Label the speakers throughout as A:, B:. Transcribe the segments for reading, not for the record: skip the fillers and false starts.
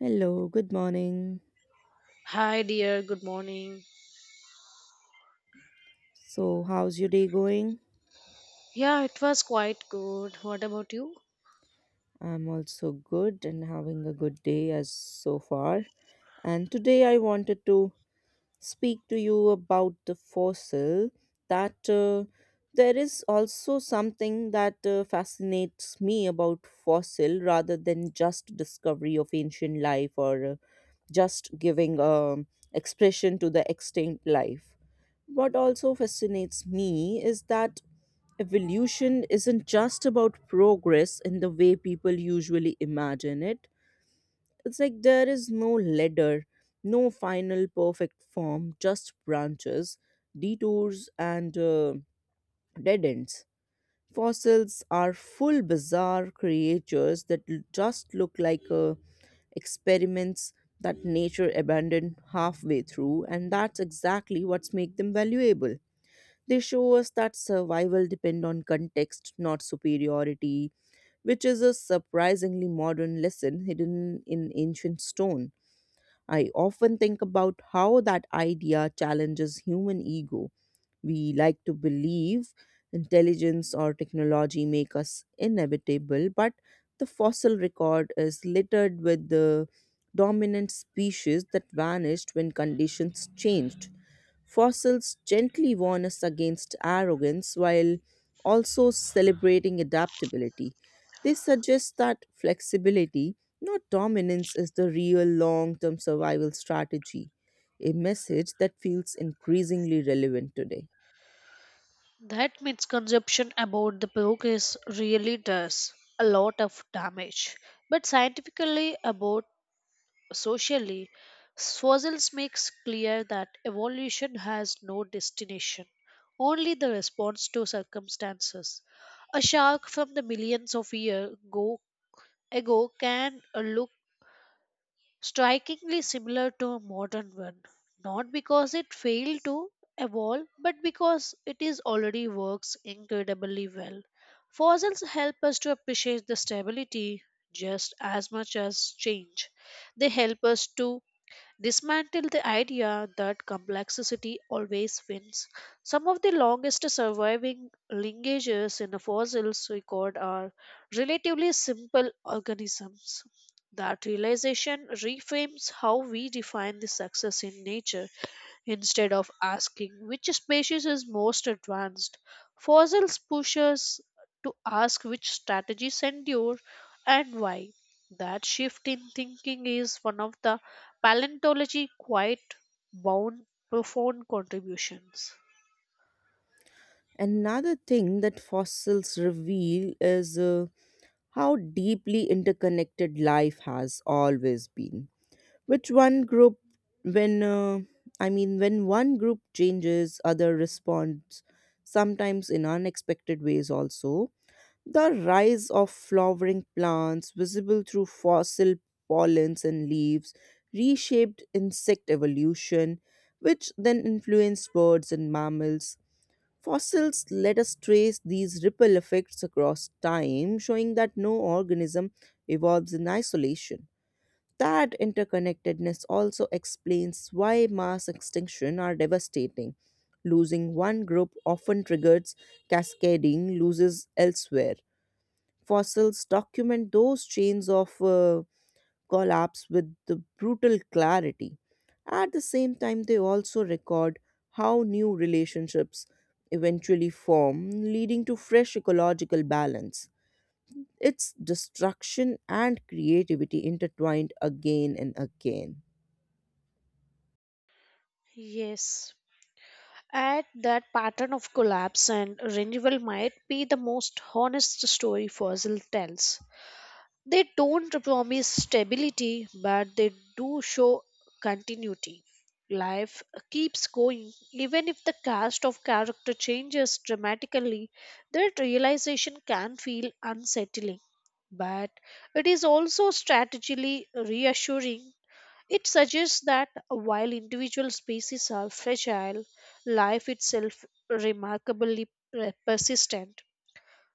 A: Hello, good morning.
B: Hi, dear. Good morning.
A: So, how's your day going?
B: Yeah, it was quite good. What about you?
A: I'm also good and having a good day as so far. And today I wanted to speak to you about the fossil that there is also something that fascinates me about fossil rather than just discovery of ancient life or just giving expression to the extinct life what also fascinates me is that evolution isn't just about progress in the way people usually imagine it. It's like there is no ladder, no final perfect form, just branches, detours, and dead ends. Fossils are full bizarre creatures that just look like experiments that nature abandoned halfway through, and that's exactly what's make them valuable. They show us that survival depend on context, not superiority, which is a surprisingly modern lesson hidden in ancient stone. I often think about how that idea challenges human ego. We like to believe intelligence or technology make us inevitable, but the fossil record is littered with the dominant species that vanished when conditions changed. Fossils gently warn us against arrogance while also celebrating adaptability. They suggest that flexibility, not dominance, is the real long term survival strategy, a message that feels increasingly relevant today.
B: That misconception about the book is really does a lot of damage. But scientifically, about socially, fossils makes clear that evolution has no destination, only the response to circumstances. A shark from the millions of years ago can look strikingly similar to a modern one, not because it failed to evolve, but because it is already works incredibly well. Fossils help us to appreciate the stability just as much as change. They help us to dismantle the idea that complexity always wins. Some of the longest surviving linkages in a fossil's record are relatively simple organisms. That realization reframes how we define the success in nature instead of asking which species is most advanced. Fossils push us to ask which strategies endure and why. That shift in thinking is one of the paleontology quite bound profound contributions.
A: Another thing that fossils reveal is how deeply interconnected life has always been. Which one group, when I mean, when one group changes, other responds, sometimes in unexpected ways also. The rise of flowering plants, visible through fossil pollens and leaves, reshaped insect evolution, which then influenced birds and mammals. Fossils let us trace these ripple effects across time, showing that no organism evolves in isolation. That interconnectedness also explains why mass extinction are devastating. Losing one group often triggers cascading losses elsewhere. Fossils document those chains of collapse with the brutal clarity. At the same time, they also record how new relationships eventually form, leading to fresh ecological balance. It's destruction and creativity intertwined again and again.
B: Yes. At that pattern of collapse and renewal might be the most honest story fossil tells. They don't promise stability, but they do show continuity. Life keeps going, even if the cast of character changes dramatically. That realization can feel unsettling, but it is also strategically reassuring. It suggests that while individual species are fragile, life itself remarkably persistent.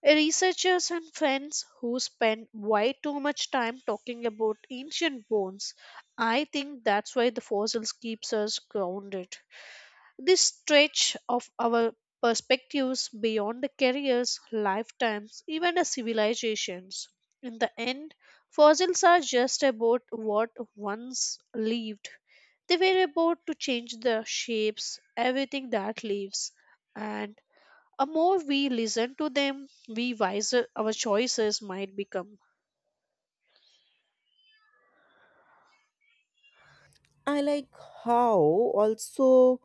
B: Researchers and friends who spend way too much time talking about ancient bones. I think that's why the fossils keeps us grounded. This stretch of our perspectives beyond the careers, lifetimes, even the civilizations. In the end, fossils are just about what once lived. They were about to change the shapes, everything that lives. And the more we listen to them, we wiser our choices might become.
A: I like how also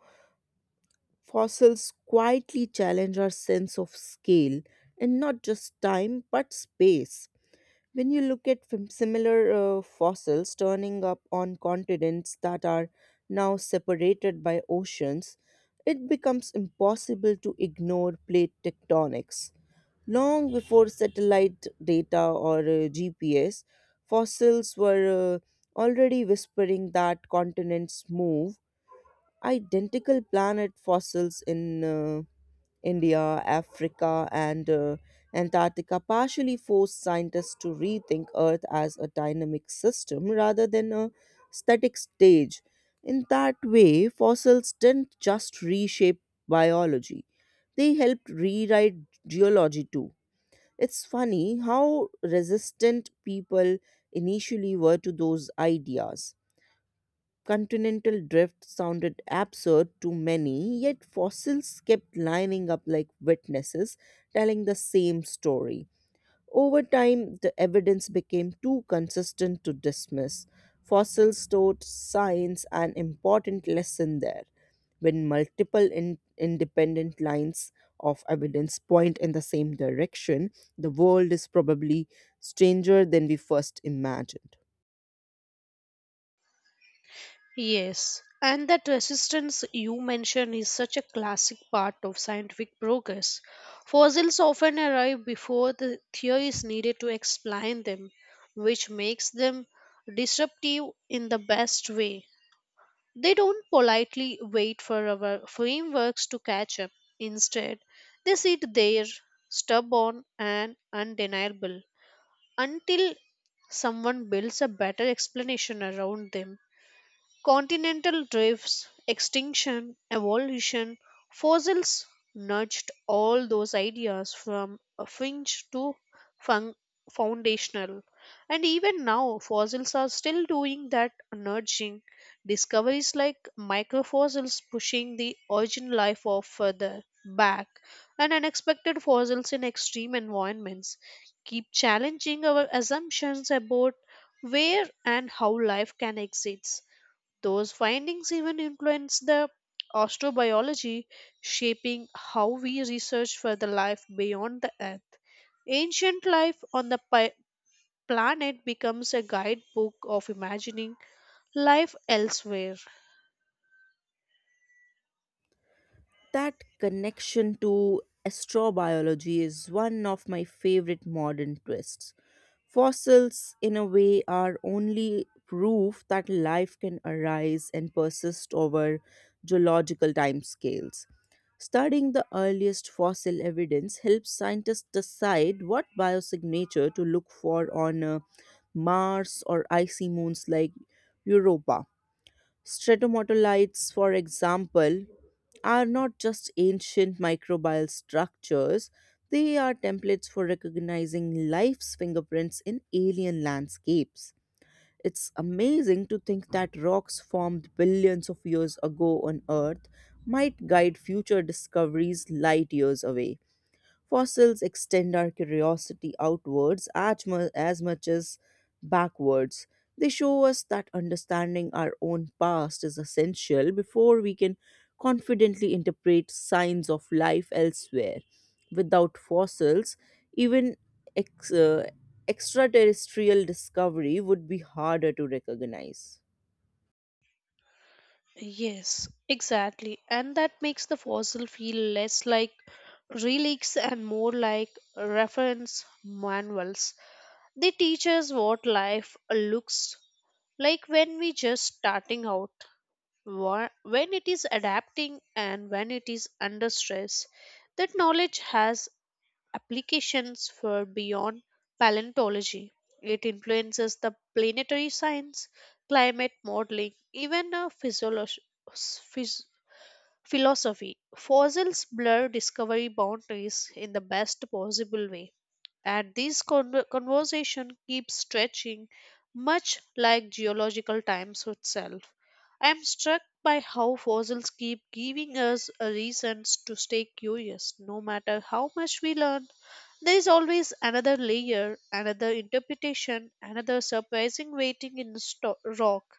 A: fossils quietly challenge our sense of scale and not just time but space. When you look at similar fossils turning up on continents that are now separated by oceans, it becomes impossible to ignore plate tectonics. Long before satellite data or GPS, fossils were already whispering that continents move, identical planet fossils in India, Africa, and Antarctica partially forced scientists to rethink Earth as a dynamic system rather than a static stage. In that way, fossils didn't just reshape biology, they helped rewrite geology too. It's funny how resistant people initially were to those ideas. Continental drift sounded absurd to many, yet fossils kept lining up like witnesses, telling the same story. Over time, the evidence became too consistent to dismiss. Fossils taught science an important lesson there. When multiple independent lines of evidence point in the same direction, the world is probably stranger than we first imagined.
B: Yes, and that resistance you mentioned is such a classic part of scientific progress. Fossils often arrive before the theory is needed to explain them, which makes them disruptive in the best way. They don't politely wait for our frameworks to catch up. Instead, they sit there, stubborn and undeniable until someone builds a better explanation around them. Continental drifts, extinction, evolution, fossils nudged all those ideas from a fringe to fun- foundational. And even now, fossils are still doing that nudging. Discoveries like microfossils pushing the origin life of further back, and unexpected fossils in extreme environments keep challenging our assumptions about where and how life can exist. Those findings even influence the astrobiology, shaping how we research for the life beyond the Earth. Ancient life on the planet becomes a guidebook of imagining life elsewhere.
A: That connection to astrobiology is one of my favorite modern twists. Fossils, in a way, are only proof that life can arise and persist over geological timescales. Studying the earliest fossil evidence helps scientists decide what biosignature to look for on Mars or icy moons like Europa. Stratomatolites, for example, are not just ancient microbial structures, they are templates for recognizing life's fingerprints in alien landscapes. It's amazing to think that rocks formed billions of years ago on Earth might guide future discoveries light years away. Fossils extend our curiosity outwards as, as much as backwards. They show us that understanding our own past is essential before we can confidently interpret signs of life elsewhere. Without fossils, even ex- uh, extraterrestrial discovery would be harder to recognize.
B: Yes, exactly. And that makes the fossil feel less like relics and more like reference manuals. They teach us what life looks like when we just starting out. Wha- when it is adapting and when it is under stress. That knowledge has applications for beyond paleontology. It influences the planetary science, climate modeling, even phys- philosophy. Fossils blur discovery boundaries in the best possible way, and this conversation keeps stretching much like geological times itself. I am struck by how fossils keep giving us a reasons to stay curious no matter how much we learn. There is always another layer, another interpretation, another surprising waiting in the rock.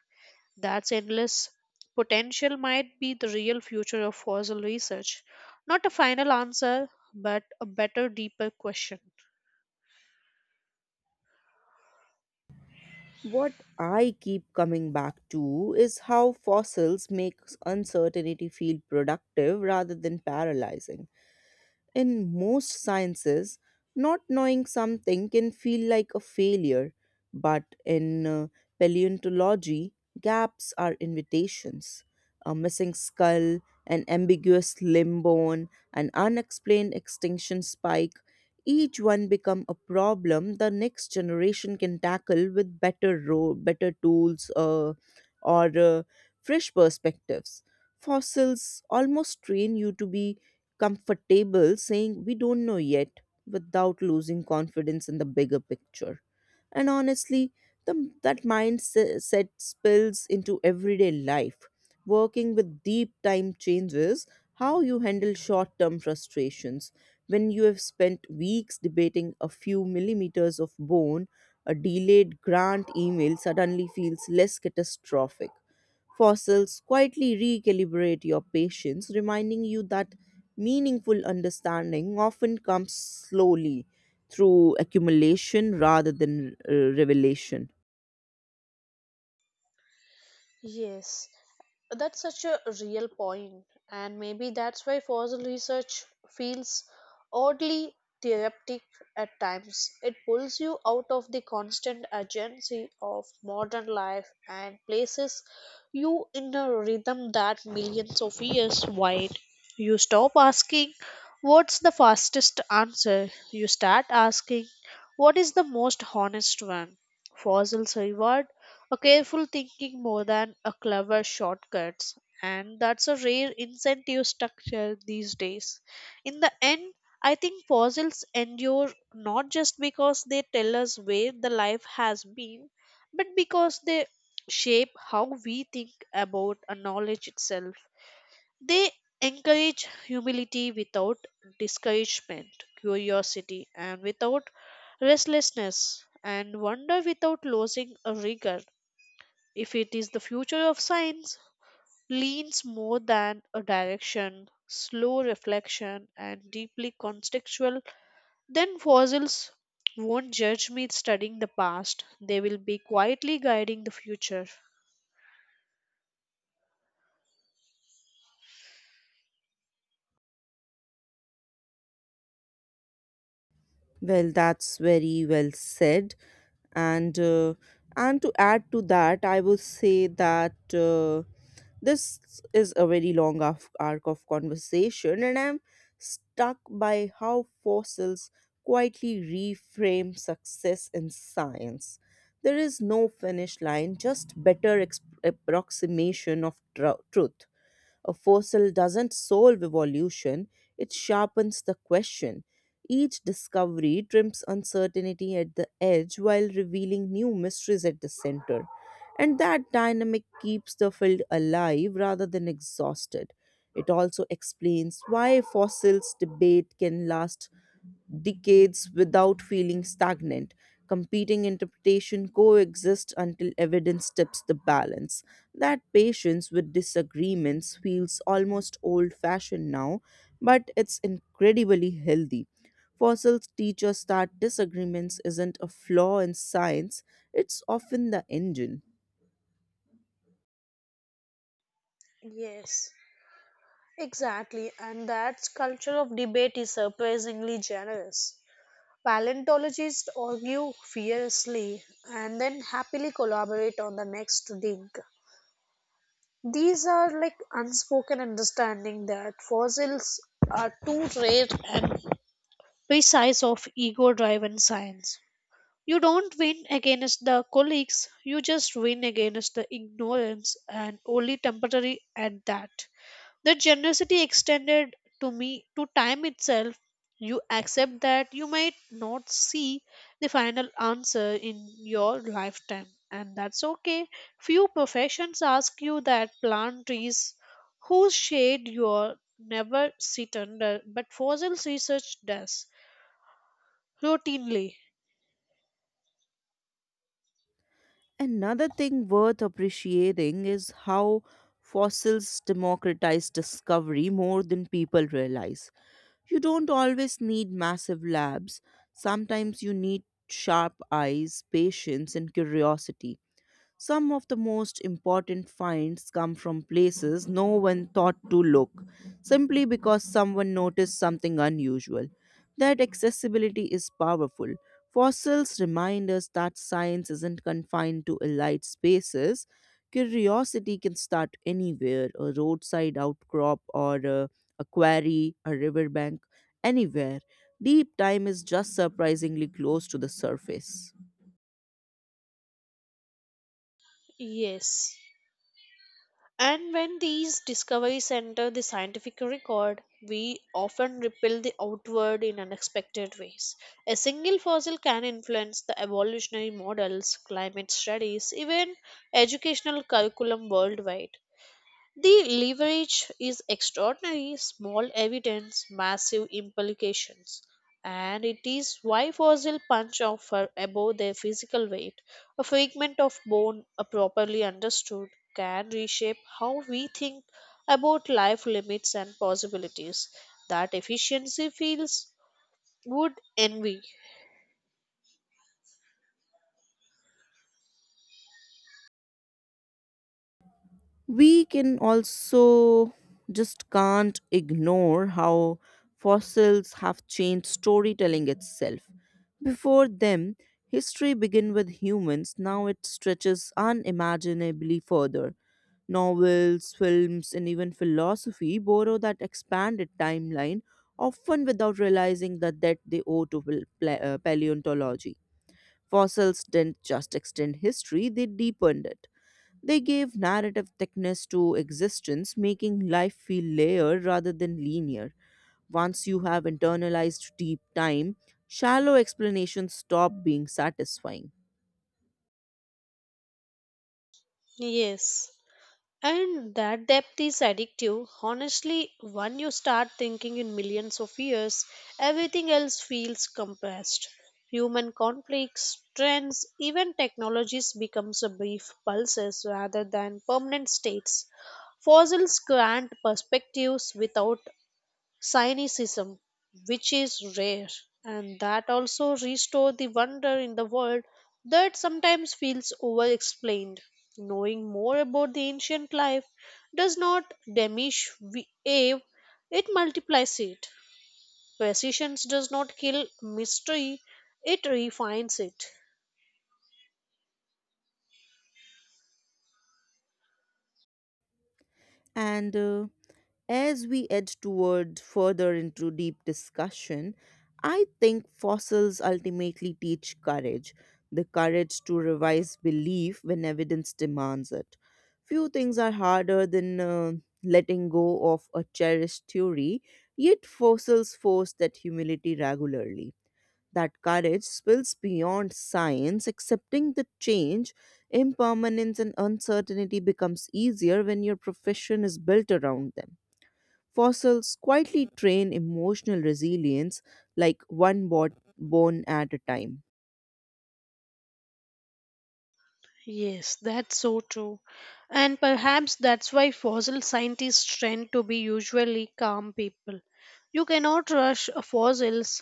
B: That's endless potential might be the real future of fossil research, not a final answer, but a better deeper question.
A: What I keep coming back to is how fossils make uncertainty feel productive rather than paralyzing. In most sciences, not knowing something can feel like a failure, but in paleontology, gaps are invitations. A missing skull, an ambiguous limb bone, an unexplained extinction spike, each one become a problem the next generation can tackle with better tools or fresh perspectives. Fossils almost train you to be comfortable saying we don't know yet without losing confidence in the bigger picture. And honestly, that mindset spills into everyday life. Working with deep time changes how you handle short term frustrations when you have spent weeks debating a few millimeters of bone. A delayed grant email suddenly feels less catastrophic. Fossils quietly recalibrate your patience, reminding you that meaningful understanding often comes slowly through accumulation rather than revelation.
B: Yes, that's such a real point, and maybe that's why fossil research feels oddly therapeutic at times. It pulls you out of the constant urgency of modern life and places you in a rhythm that millions of years wide. You stop asking, "What's the fastest answer?" You start asking, "What is the most honest one?" Fossils reward a careful thinking more than a clever shortcuts, and that's a rare incentive structure these days. In the end, I think fossils endure not just because they tell us where the life has been, but because they shape how we think about a knowledge itself. They encourage humility without discouragement, curiosity, and without restlessness, and wonder without losing a rigor. If it is the future of science, leans more than a direction, slow reflection, and deeply contextual, then fossils won't judge me studying the past. They will be quietly guiding the future.
A: Well, that's very well said. And uh, and to add to that, I would say that this is a very long arc of conversation, and I'm stuck by how fossils quietly reframe success in science. There is no finish line, just approximation of truth. A fossil doesn't solve evolution, it sharpens the question. Each discovery trims uncertainty at the edge while revealing new mysteries at the center. And that dynamic keeps the field alive rather than exhausted. It also explains why fossils debate can last decades without feeling stagnant. Competing interpretation coexist until evidence tips the balance. That patience with disagreements feels almost old fashioned now, but it's incredibly healthy. Fossils teach us that disagreements isn't a flaw in science, it's often the engine.
B: Yes, exactly. And that culture of debate is surprisingly generous. Paleontologists argue fiercely and then happily collaborate on the next dig. These are like unspoken understanding that fossils are too rare and precise of ego-driven science. You don't win against the colleagues, you just win against the ignorance and only temporary at that. The generosity extended to me to time itself. You accept that you might not see the final answer in your lifetime, and that's okay. Few professions ask you that plant trees whose shade you never sit under, but fossil research does routinely.
A: Another thing worth appreciating is how fossils democratize discovery more than people realize. You don't always need massive labs, sometimes you need sharp eyes, patience, and curiosity. Some of the most important finds come from places no one thought to look, simply because someone noticed something unusual. That accessibility is powerful. Fossils remind us that science isn't confined to elite spaces. Curiosity can start anywhere, a roadside outcrop, a quarry, a riverbank, anywhere. Deep time is just surprisingly close to the surface.
B: Yes. And when these discoveries enter the scientific record, we often repel the outward in unexpected ways. A single fossil can influence the evolutionary models, climate studies, even educational curriculum worldwide. The leverage is extraordinary, small evidence, massive implications, and it is why fossil punch offer above their physical weight. A fragment of bone, properly understood, can reshape how we think about life limits and possibilities. That efficiency feels would envy.
A: We can also just can't ignore how fossils have changed storytelling itself. Before them, history began with humans, now it stretches unimaginably further. Novels, films, and even philosophy borrow that expanded timeline, often without realizing the debt they owe to paleontology. Fossils didn't just extend history, they deepened it. They gave narrative thickness to existence, making life feel layered rather than linear. Once you have internalized deep time, shallow explanations stop being satisfying.
B: Yes. And that depth is addictive. Honestly, when you start thinking in millions of years, everything else feels compressed. Human conflicts, trends, even technologies becomes a brief pulses rather than permanent states. Fossils grant perspectives without cynicism, which is rare, and that also restore the wonder in the world that sometimes feels over explained. Knowing more about the ancient life does not diminish awe, it multiplies it. Precision does not kill mystery, it refines it.
A: And As we edge toward further into deep discussion, I think fossils ultimately teach courage, the courage to revise belief when evidence demands it. Few things are harder than letting go of a cherished theory, yet fossils force that humility regularly. That courage spills beyond science, accepting the change, impermanence, and uncertainty becomes easier when your profession is built around them. Fossils quietly train emotional resilience like one bone at a time.
B: Yes, that's so true. And perhaps that's why fossil scientists tend to be usually calm people. You cannot rush fossils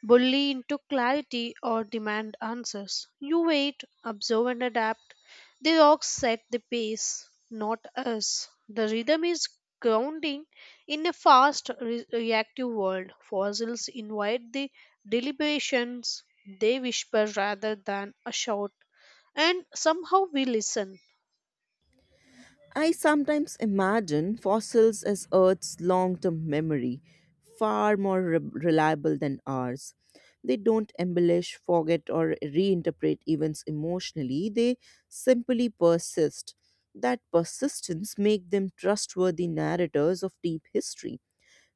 B: bully into clarity or demand answers. You wait, observe, and adapt. The rocks set the pace, not us. The rhythm is grounding in a fast, reactive world. Fossils invite the deliberations, they whisper rather than a shout and somehow we listen.
A: I sometimes imagine fossils as Earth's long term memory, far more reliable than ours. They don't embellish, forget, or reinterpret events emotionally, they simply persist. That persistence makes them trustworthy narrators of deep history.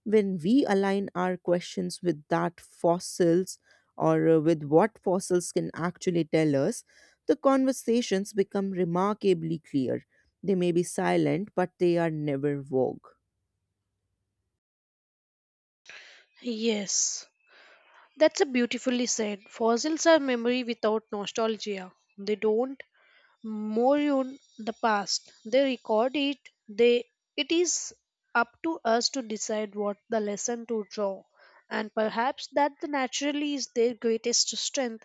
A: When we align our questions with that fossils or with what fossils can actually tell us, the conversations become remarkably clear. They may be silent, but they are never vogue.
B: Yes, that's a beautifully said. Fossils are memory without nostalgia. They don't mourn the past. They record it. They it is up to us to decide what the lesson to draw. And perhaps that the naturally is their greatest strength.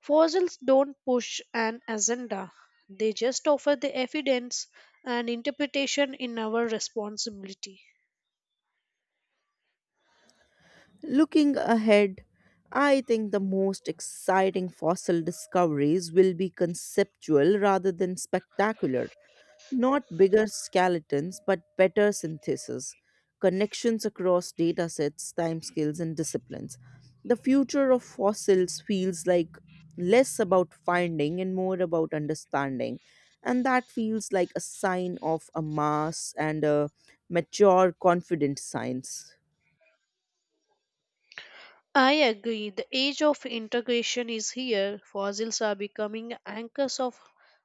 B: Fossils don't push an agenda. They just offer the evidence and interpretation in our responsibility.
A: Looking ahead, I think the most exciting fossil discoveries will be conceptual rather than spectacular. Not bigger skeletons, but better synthesis, connections across data sets, timescales, and disciplines. The future of fossils feels like less about finding and more about understanding. And that feels like a sign of a mass and a mature, confident science.
B: I agree. The age of integration is here. Fossils are becoming anchors of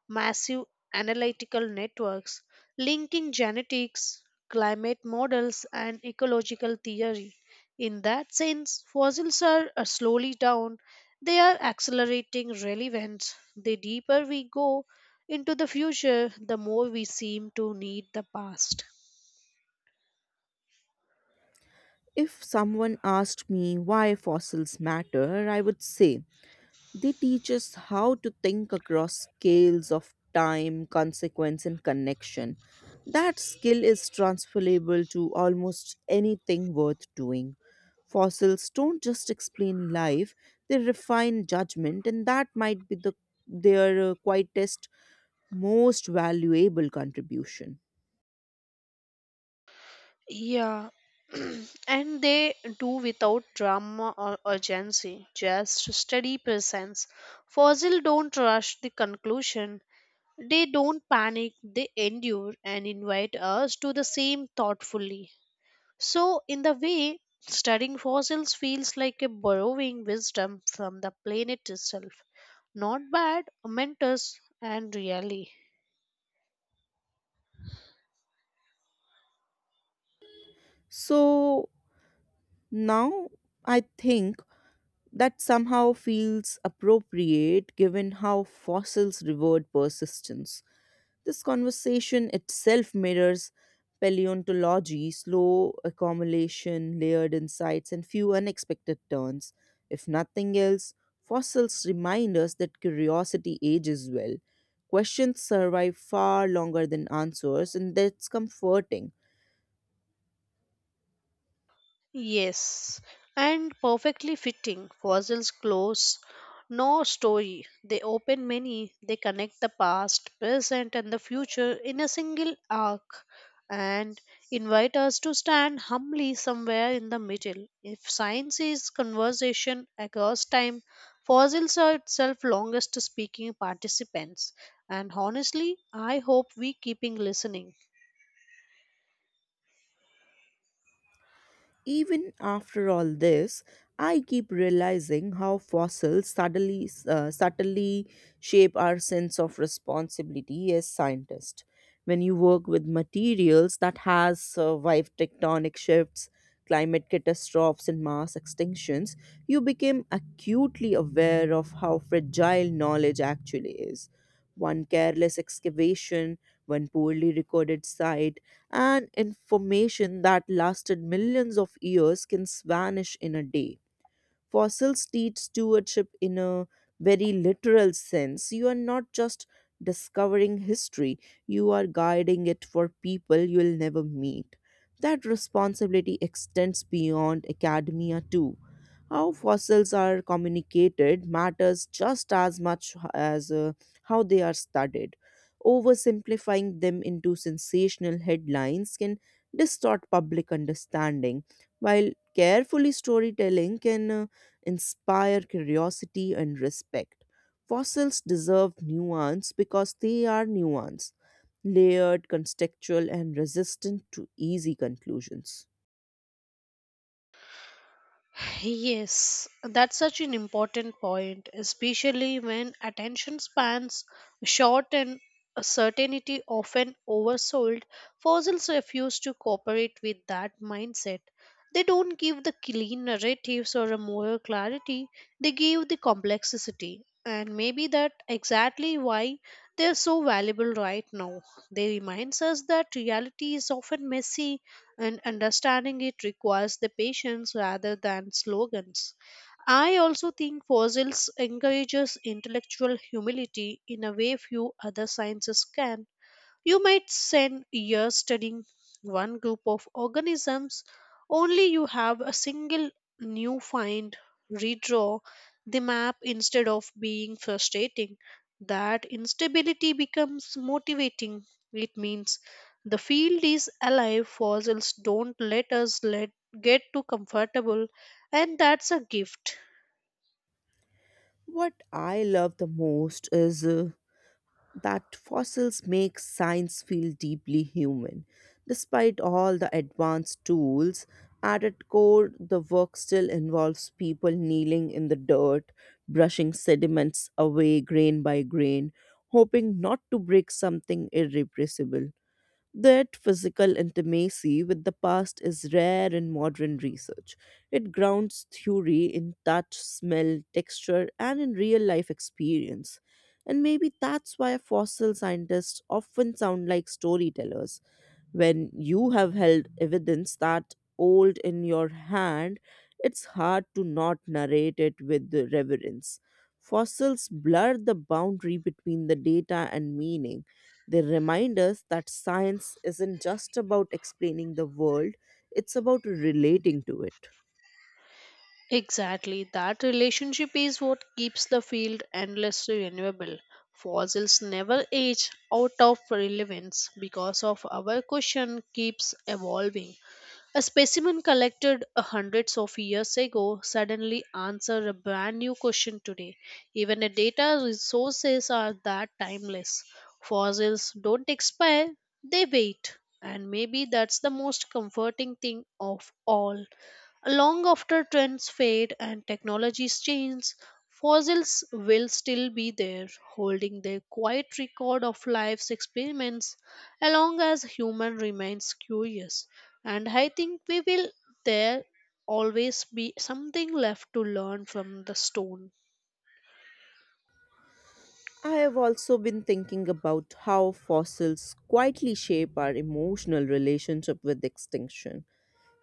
B: massive analytical networks, linking genetics, climate models, and ecological theory. In that sense, fossils are slowly down. They are accelerating relevance. The deeper we go into the future, the more we seem to need the past.
A: If someone asked me why fossils matter, I would say they teach us how to think across scales of time, consequence, and connection. That skill is transferable to almost anything worth doing. Fossils don't just explain life, they refine judgment, and that might be their quietest, most valuable contribution.
B: Yeah, and they do without drama or urgency, just steady presence. Fossil don't rush the conclusion. They don't panic, they endure and invite us to the same thoughtfully. So, in the way, studying fossils feels like a borrowing wisdom from the planet itself. Not bad, momentous, and really.
A: So now I think that somehow feels appropriate given how fossils reward persistence. This conversation itself mirrors paleontology, slow accumulation, layered insights, and few unexpected turns. If nothing else, fossils remind us that curiosity ages well. Questions survive far longer than answers, and that's comforting.
B: Yes, and perfectly fitting. Fossils close no story. They open many. They connect the past, present, and the future in a single arc and invite us to stand humbly somewhere in the middle. If science is conversation across time, fossils are itself longest speaking participants. And honestly, I hope we keeping listening.
A: Even after all this, I keep realizing how fossils subtly shape our sense of responsibility as scientists. When you work with materials that has survived tectonic shifts, climate catastrophes, and mass extinctions, you become acutely aware of how fragile knowledge actually is. One careless excavation, one poorly recorded site, and information that lasted millions of years can vanish in a day. Fossils teach stewardship in a very literal sense. You are not just discovering history, you are guiding it for people you will never meet. That responsibility extends beyond academia, too. How fossils are communicated matters just as much as how they are studied. Oversimplifying them into sensational headlines can distort public understanding, while carefully storytelling can inspire curiosity and respect. Fossils deserve nuance because they are nuanced, layered, contextual, and resistant to easy conclusions.
B: Yes, that's such an important point, especially when attention spans short and certainty often oversold. Fossils refuse to cooperate with that mindset. They don't give the clean narratives or a moral clarity, they give the complexity. And maybe that exactly why they're so valuable right now. They reminds us that reality is often messy and understanding it requires the patience rather than slogans. I also think fossils encourages intellectual humility in a way few other sciences can. You might spend years studying one group of organisms, only you have a single new find, redraw the map instead of being frustrating. That instability becomes motivating. It means the field is alive, fossils don't let us get too comfortable, and that's a gift.
A: What I love the most is that fossils make science feel deeply human. Despite all the advanced tools, at its core, the work still involves people kneeling in the dirt, brushing sediments away grain by grain, hoping not to break something irrepressible. That physical intimacy with the past is rare in modern research. It grounds theory in touch, smell, texture, and in real life experience. And maybe that's why fossil scientists often sound like storytellers. When you have held evidence that old in your hand, it's hard to not narrate it with reverence. Fossils blur the boundary between the data and meaning. They remind us that science isn't just about explaining the world, it's about relating to it.
B: Exactly, that relationship is what keeps the field endlessly renewable. Fossils never age out of relevance because of our question keeps evolving. A specimen collected hundreds of years ago suddenly answers a brand new question today. Even the data resources are that timeless. Fossils don't expire, they wait. And maybe that's the most comforting thing of all. Long after trends fade and technologies change, fossils will still be there, holding their quiet record of life's experiments, along as human remains curious. And I think we will there always be something left to learn from the stone.
A: I have also been thinking about how fossils quietly shape our emotional relationship with extinction.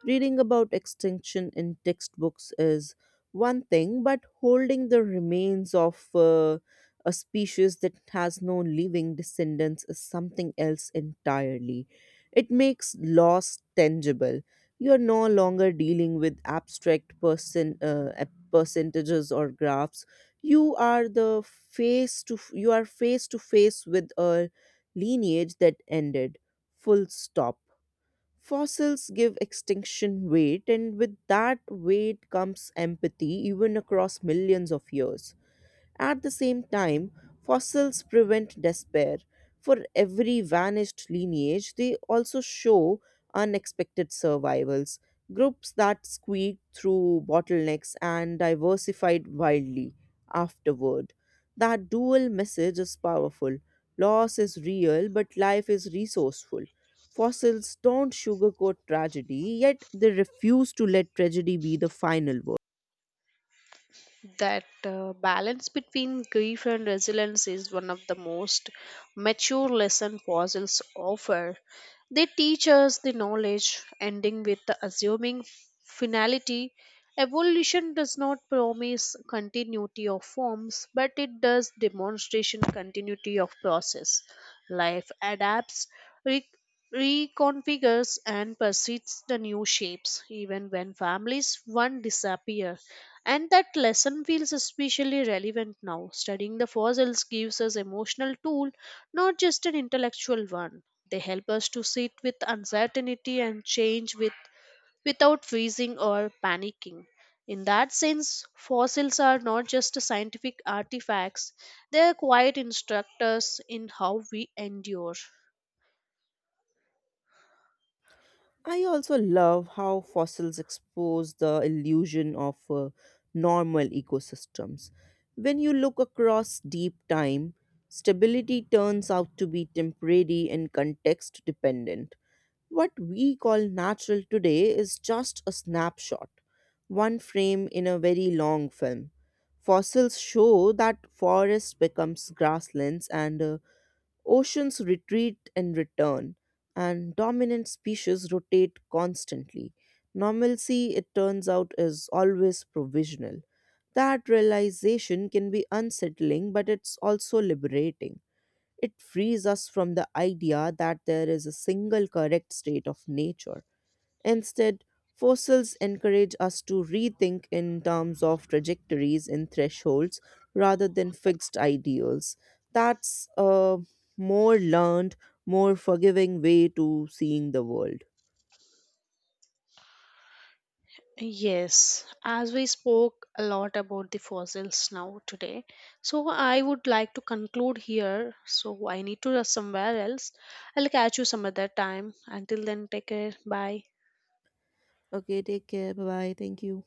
A: Reading about extinction in textbooks is one thing, but holding the remains of a species that has no living descendants is something else entirely. It makes loss tangible. You're no longer dealing with abstract percentages or graphs. You are the face to f- you are face to face with a lineage that ended. Full stop. Fossils give extinction weight, and with that weight comes empathy, even across millions of years. At the same time, fossils prevent despair. For every vanished lineage, they also show unexpected survivals, groups that squeaked through bottlenecks and diversified wildly afterward. That dual message is powerful. Loss is real, but life is resourceful. Fossils don't sugarcoat tragedy, yet they refuse to let tragedy be the final word.
B: That balance between grief and resilience is one of the most mature lesson puzzles offer. They teach us the knowledge, ending with the assuming finality. Evolution does not promise continuity of forms, but it does demonstration continuity of process. Life adapts, re- reconfigures, and pursues the new shapes, even when families one disappear. And that lesson feels especially relevant now. Studying the fossils gives us emotional tool, not just an intellectual one. They help us to sit with uncertainty and change with without freezing or panicking. In that sense, fossils are not just scientific artifacts, they are quiet instructors in how we endure.
A: I also love how fossils expose the illusion of normal ecosystems. When you look across deep time, stability turns out to be temporary and context dependent. What we call natural today is just a snapshot, one frame in a very long film. Fossils show that forests becomes grasslands and oceans retreat and return, and dominant species rotate constantly. Normalcy, it turns out, is always provisional. That realization can be unsettling, but it's also liberating. It frees us from the idea that there is a single correct state of nature. Instead, fossils encourage us to rethink in terms of trajectories and thresholds rather than fixed ideals. That's a more learned, more forgiving way to seeing the world.
B: Yes, as we spoke a lot about the fossils now today, so I would like to conclude here. So I need to rush somewhere else. I'll catch you some other time. Until then, take care. Bye.
A: Okay, take care. Bye bye. Thank you.